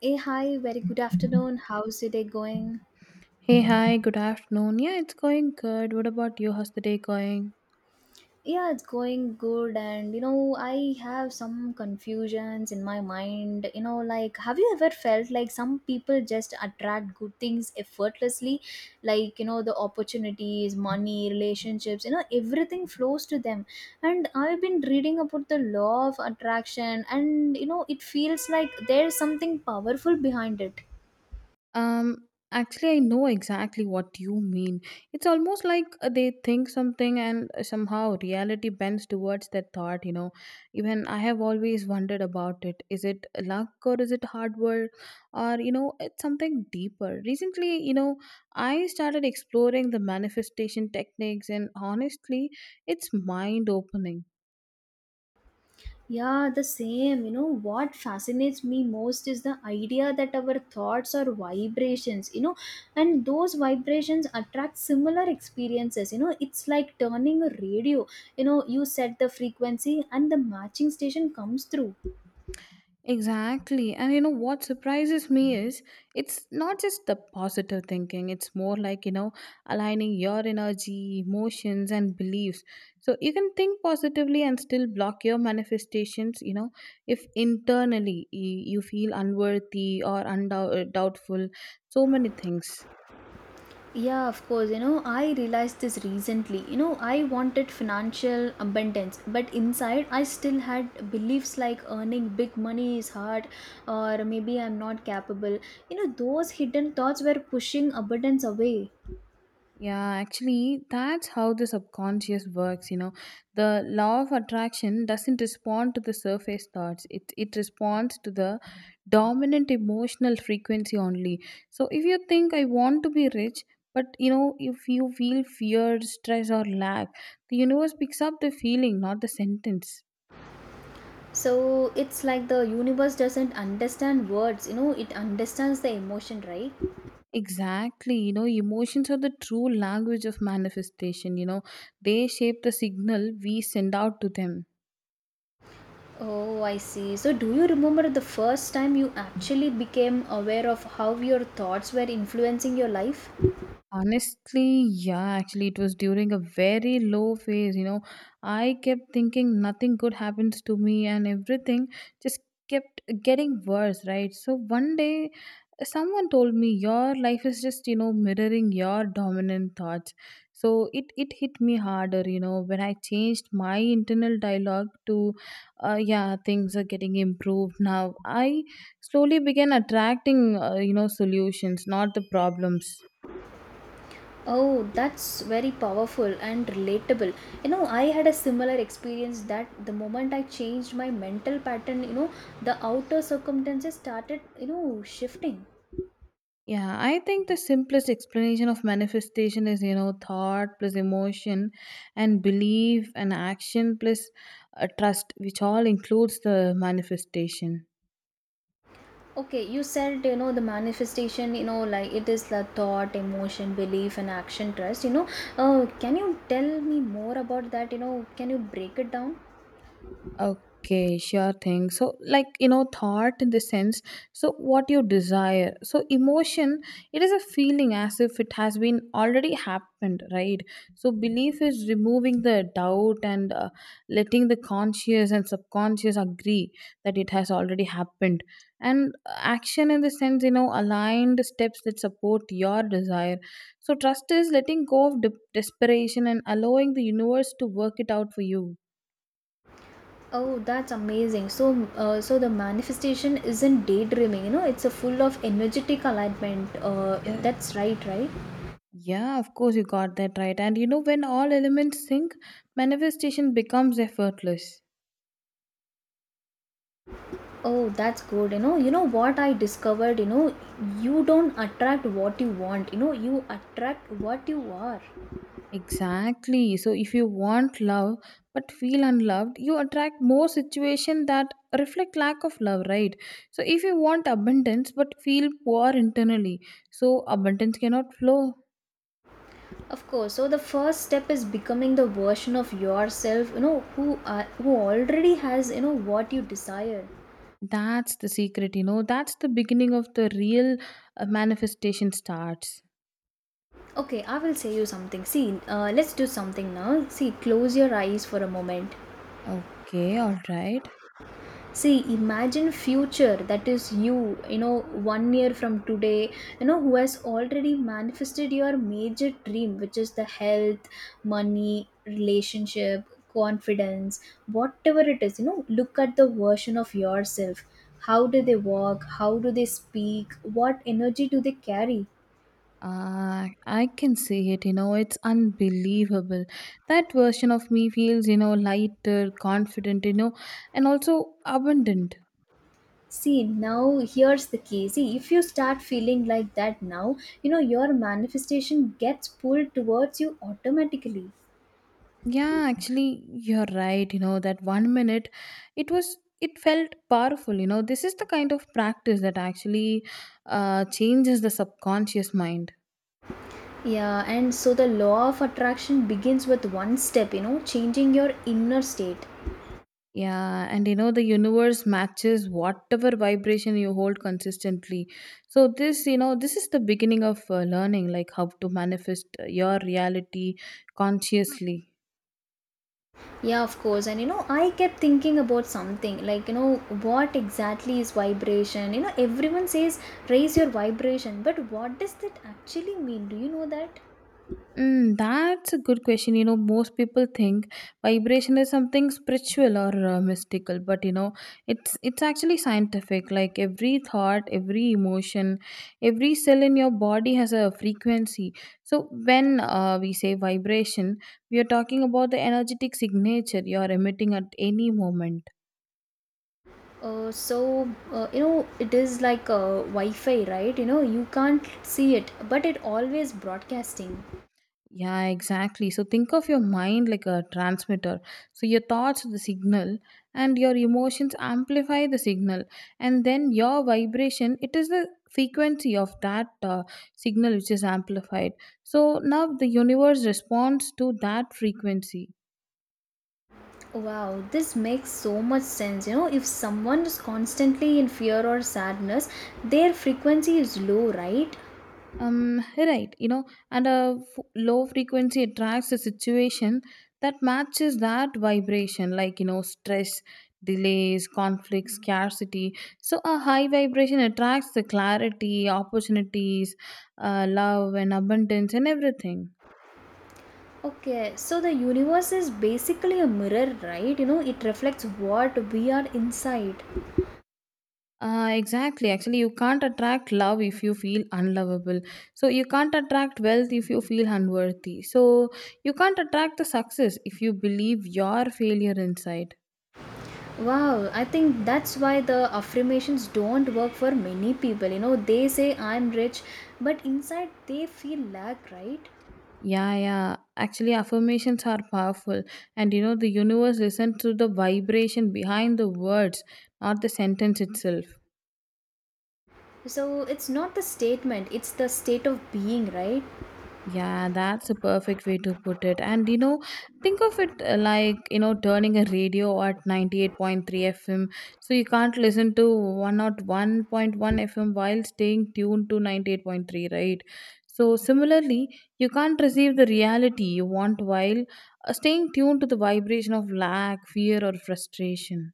Hey, hi, very good afternoon. How's your day going? Hey, hi, good afternoon. Yeah, it's going good. What about you? How's the day going? Yeah, it's going good. And I have some confusions in my mind. Like, have you ever felt like some people just attract good things effortlessly? Like, the opportunities, money, relationships, everything flows to them. And I've been reading about the law of attraction, and it feels like there's something powerful behind it. Actually, I know exactly what you mean. It's almost like they think something and somehow reality bends towards that thought. Even I have always wondered about it. Is it luck or is it hard work or, you know, it's something deeper? Recently, you know, I started exploring the manifestation techniques and honestly, it's mind opening. Yeah, the same. What fascinates me most is the idea that our thoughts are vibrations, and those vibrations attract similar experiences. It's like turning a radio. You set the frequency and the matching station comes through. Exactly. And you know what surprises me is it's not just the positive thinking, it's more like, you know, aligning your energy, emotions, and beliefs. So you can think positively and still block your manifestations, you know, if internally you feel unworthy or doubtful, so many things. Yeah, of course. I realized this recently. I wanted financial abundance, but inside I still had beliefs like earning big money is hard or maybe I'm not capable. Those hidden thoughts were pushing abundance away. Yeah, actually, that's how the subconscious works. You know, the law of attraction doesn't respond to the surface thoughts, it responds to the dominant emotional frequency only. So, if you think I want to be rich, but you know, if you feel fear, stress, or lack, the universe picks up the feeling, not the sentence. So it's like the universe doesn't understand words, it understands the emotion, right? Exactly, you know, emotions are the true language of manifestation, you know, they shape the signal we send out to them. Oh, I see. So do you remember the first time you actually became aware of how your thoughts were influencing your life? Honestly, yeah, actually, it was during a very low phase. You know, I kept thinking nothing good happens to me and everything just kept getting worse, right? So, one day, someone told me your life is just, you know, mirroring your dominant thoughts. So, it hit me harder, you know, when I changed my internal dialogue to, yeah, things are getting improved now. I slowly began attracting, you know, solutions, not the problems. Oh, that's very powerful and relatable. I had a similar experience that the moment I changed my mental pattern, the outer circumstances started, shifting. Yeah, I think the simplest explanation of manifestation is, you know, thought plus emotion and belief and action plus trust, which all includes the manifestation. Okay, you said, the manifestation, like it is the thought, emotion, belief, and action trust. Can you tell me more about that? Can you break it down? Okay, sure thing. So, like, you know, thought in the sense, so what you desire. So, emotion, it is a feeling as if it has been already happened, right? So, belief is removing the doubt and letting the conscious and subconscious agree that it has already happened. And action in the sense, you know, aligned steps that support your desire. So, trust is letting go of desperation and allowing the universe to work it out for you. Oh, that's amazing. So, the manifestation isn't daydreaming, it's a full of energetic alignment. Uh, Yeah. that's right, right? Yeah, of course, you got that right. And you know, when all elements sync, manifestation becomes effortless. Oh, that's good. You know what I discovered, you don't attract what you want, you attract what you are. Exactly. So, if you want love but feel unloved, you attract more situations that reflect lack of love, right? So, if you want abundance but feel poor internally, so abundance cannot flow. Of course. So the first step is becoming the version of yourself, who are, who already has, what you desire. That's the secret, you know. That's the beginning of the real manifestation starts. Okay, I will say you something. See, let's do something now. See, close your eyes for a moment. Okay, all right. See, imagine future that is you, you know one year from today, who has already manifested your major dream, which is the health, money, relationship, confidence, whatever it is. Look at the version of yourself. How do they walk? How do they speak? What energy do they carry? Ah, I can see it, you know, it's unbelievable. That version of me feels, you know, lighter, confident, you know, and also abundant. See, now here's the key. See, if you start feeling like that now, your manifestation gets pulled towards you automatically. Yeah, actually, you're right, you know, that one minute it felt powerful, you know. This is the kind of practice that actually changes the subconscious mind. Yeah, and so the law of attraction begins with one step, changing your inner state. Yeah, and you know, the universe matches whatever vibration you hold consistently. So, this is the beginning of learning, like how to manifest your reality consciously. Yeah, of course. And I kept thinking about something like, what exactly is vibration? Everyone says raise your vibration, but what does that actually mean? Do you know that? Mm, that's a good question. You know, most people think vibration is something spiritual or mystical, but you know, it's actually scientific. Like every thought, every emotion, every cell in your body has a frequency. So when we say vibration, we are talking about the energetic signature you are emitting at any moment. It is like Wi Fi, right? You can't see it, but it always broadcasting. Yeah, exactly. So think of your mind like a transmitter. So your thoughts are the signal and your emotions amplify the signal and then your vibration it is the frequency of that signal which is amplified. So now the universe responds to that frequency. Wow, this makes so much sense. If someone is constantly in fear or sadness, their frequency is low, right? Right, you know, and a low frequency attracts a situation that matches that vibration like you know stress, delays, conflict, scarcity. So a high vibration attracts the clarity, opportunities, love and abundance and everything. Okay, so the universe is basically a mirror, right? It reflects what we are inside. Exactly actually, you can't attract love if you feel unlovable, so you can't attract wealth if you feel unworthy, so you can't attract the success if you believe your failure inside. Wow, I think that's why the affirmations don't work for many people. They say I'm rich, but inside they feel lack, right? Yeah. Actually, affirmations are powerful. And you know, the universe listens to the vibration behind the words, not the sentence itself. So it's not the statement, it's the state of being, right? Yeah, that's a perfect way to put it. And you know, think of it like, you know, turning a radio at 98.3 FM. So you can't listen to 101.1 FM while staying tuned to 98.3, right? So similarly, you can't receive the reality you want while staying tuned to the vibration of lack, fear, or frustration.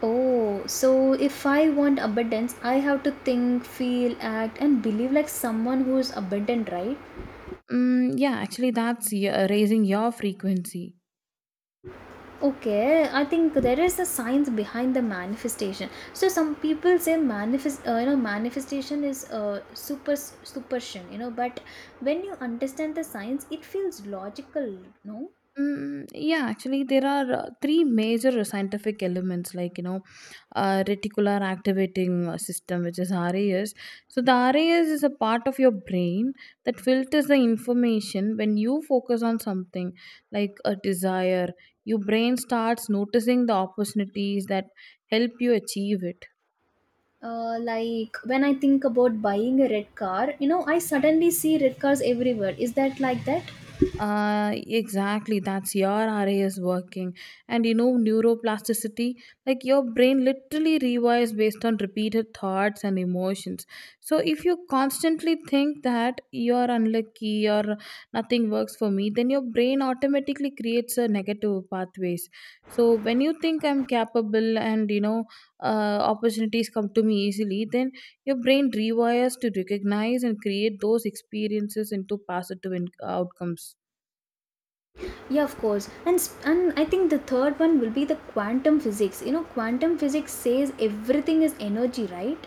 Oh, so if I want abundance, I have to think, feel, act, and believe like someone who is abundant, right? Mm, yeah, actually, that's raising your frequency. Okay, I think there is a science behind the manifestation. So some people say manifest, manifestation is superstition, But when you understand the science, it feels logical, no? Mm, yeah, actually, there are three major scientific elements like, you know, reticular activating system, which is RAS. So, the RAS is a part of your brain that filters the information when you focus on something like a desire. Your brain starts noticing the opportunities that help you achieve it. Like when I think about buying a red car, I suddenly see red cars everywhere. Is that like that? Exactly. That's your RA is working. And you know, neuroplasticity, like your brain literally rewires based on repeated thoughts and emotions. So if you constantly think that you're unlucky or nothing works for me, then your brain automatically creates a negative pathways. So when you think I'm capable and you know opportunities come to me easily, then your brain rewires to recognize and create those experiences into positive outcomes. Yeah, of course. And I think the third one will be the quantum physics. Quantum physics says everything is energy, right?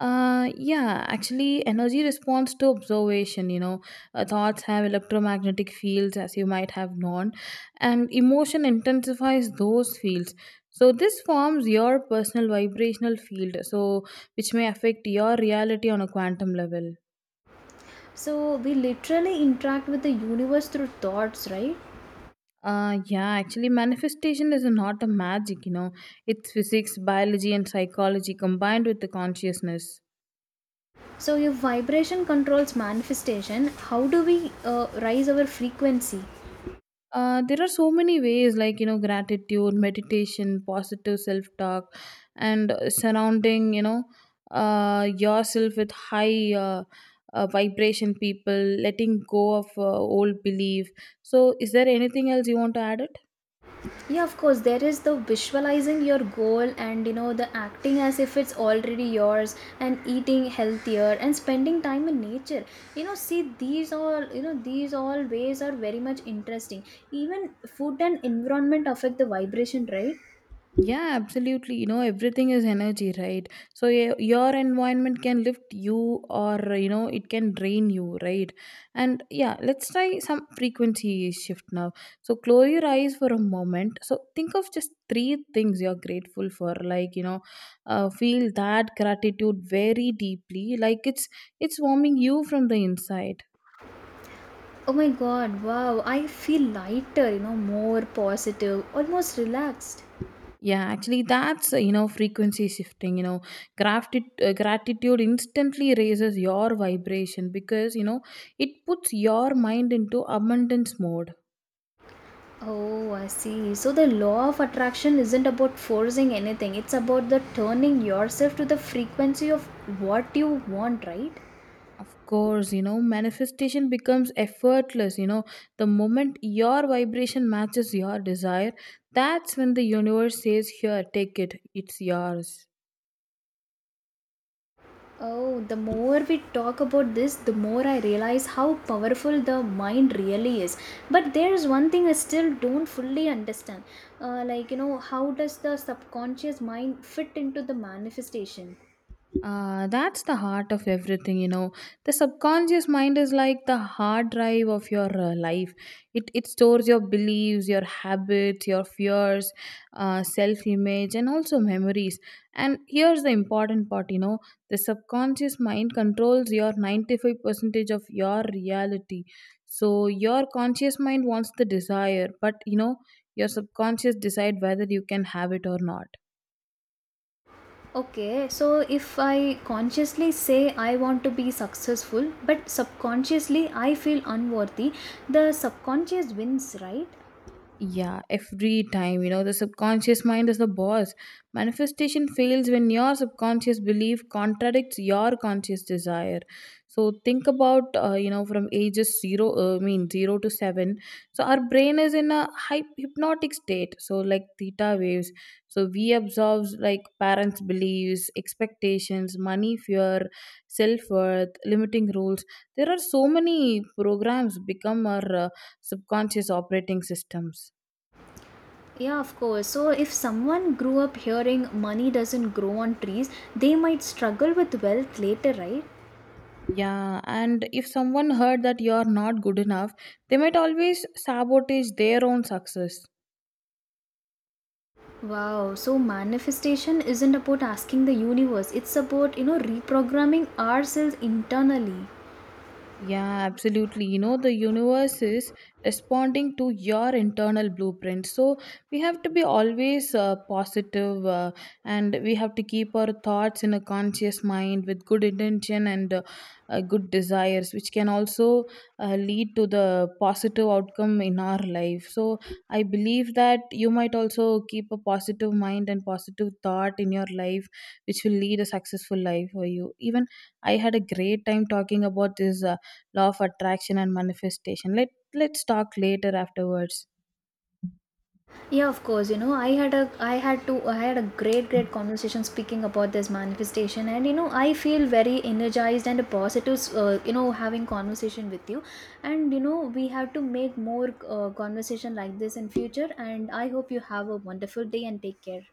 Yeah, actually, energy responds to observation. You know, thoughts have electromagnetic fields, as you might have known, and emotion intensifies those fields. So, this forms your personal vibrational field, so which may affect your reality on a quantum level. So we literally interact with the universe through thoughts, right? Yeah, actually, manifestation is not a magic, you know, it's physics, biology, and psychology combined with the consciousness. So if vibration controls manifestation, how do we rise our frequency? There are so many ways like you know gratitude, meditation, positive self-talk, and surrounding you know yourself with high vibration people, letting go of old belief. So is there anything else you want to add it? Yeah, of course, there is the visualizing your goal and the acting as if it's already yours and eating healthier and spending time in nature. See these all, ways are very much interesting. Even food and environment affect the vibration, right? Yeah, absolutely. You know, everything is energy, right? So your environment can lift you or you know, it can drain you, right? And yeah, let's try some frequency shift now. So close your eyes for a moment. So think of just three things you're grateful for, like, you know, feel that gratitude very deeply, like it's warming you from the inside. Oh my god, wow, I feel lighter, more positive, almost relaxed. Yeah, actually, that's you know frequency shifting. You know, gratitude instantly raises your vibration because you know it puts your mind into abundance mode. Oh, I see. So the law of attraction isn't about forcing anything. It's about the turning yourself to the frequency of what you want, right? Of course, you know manifestation becomes effortless. You know, the moment your vibration matches your desire, that's when the universe says, "Here, take it. It's yours." Oh, the more we talk about this, the more I realize how powerful the mind really is. But there's one thing I still don't fully understand. How does the subconscious mind fit into the manifestation? That's the heart of everything, you know. The subconscious mind is like the hard drive of your life. It stores your beliefs, your habits, your fears, self image, and also memories. And here's the important part, you know. The subconscious mind controls your 95 percentage of your reality. So your conscious mind wants the desire, but you know your subconscious decide whether you can have it or not. Okay, so if I consciously say I want to be successful, but subconsciously I feel unworthy, the subconscious wins, right? Yeah, every time, you know, the subconscious mind is the boss. Manifestation fails when your subconscious belief contradicts your conscious desire. So think about, you know, from ages zero, I mean, 0 to 7. So our brain is in a hypnotic state. So like theta waves. So we absorb like parents' beliefs, expectations, money fear, self-worth, limiting rules. There are so many programs become our subconscious operating systems. Yeah, of course. So if someone grew up hearing money doesn't grow on trees, they might struggle with wealth later, right? Yeah, and if someone heard that you're not good enough, they might always sabotage their own success. Wow, so manifestation isn't about asking the universe, it's about, reprogramming ourselves internally. Yeah, absolutely. You know, the universe is responding to your internal blueprint. So we have to be always positive, and we have to keep our thoughts in a conscious mind with good intention and good desires, which can also lead to the positive outcome in our life. So I believe that you might also keep a positive mind and positive thought in your life, which will lead a successful life for you. Even I had a great time talking about this. Law of attraction and manifestation. Let's talk later afterwards. Yeah, of course. You know I had a I had to I had a great conversation speaking about this manifestation. And I feel very energized and a positive, having conversation with you. And we have to make more conversation like this in future, and I hope you have a wonderful day and take care.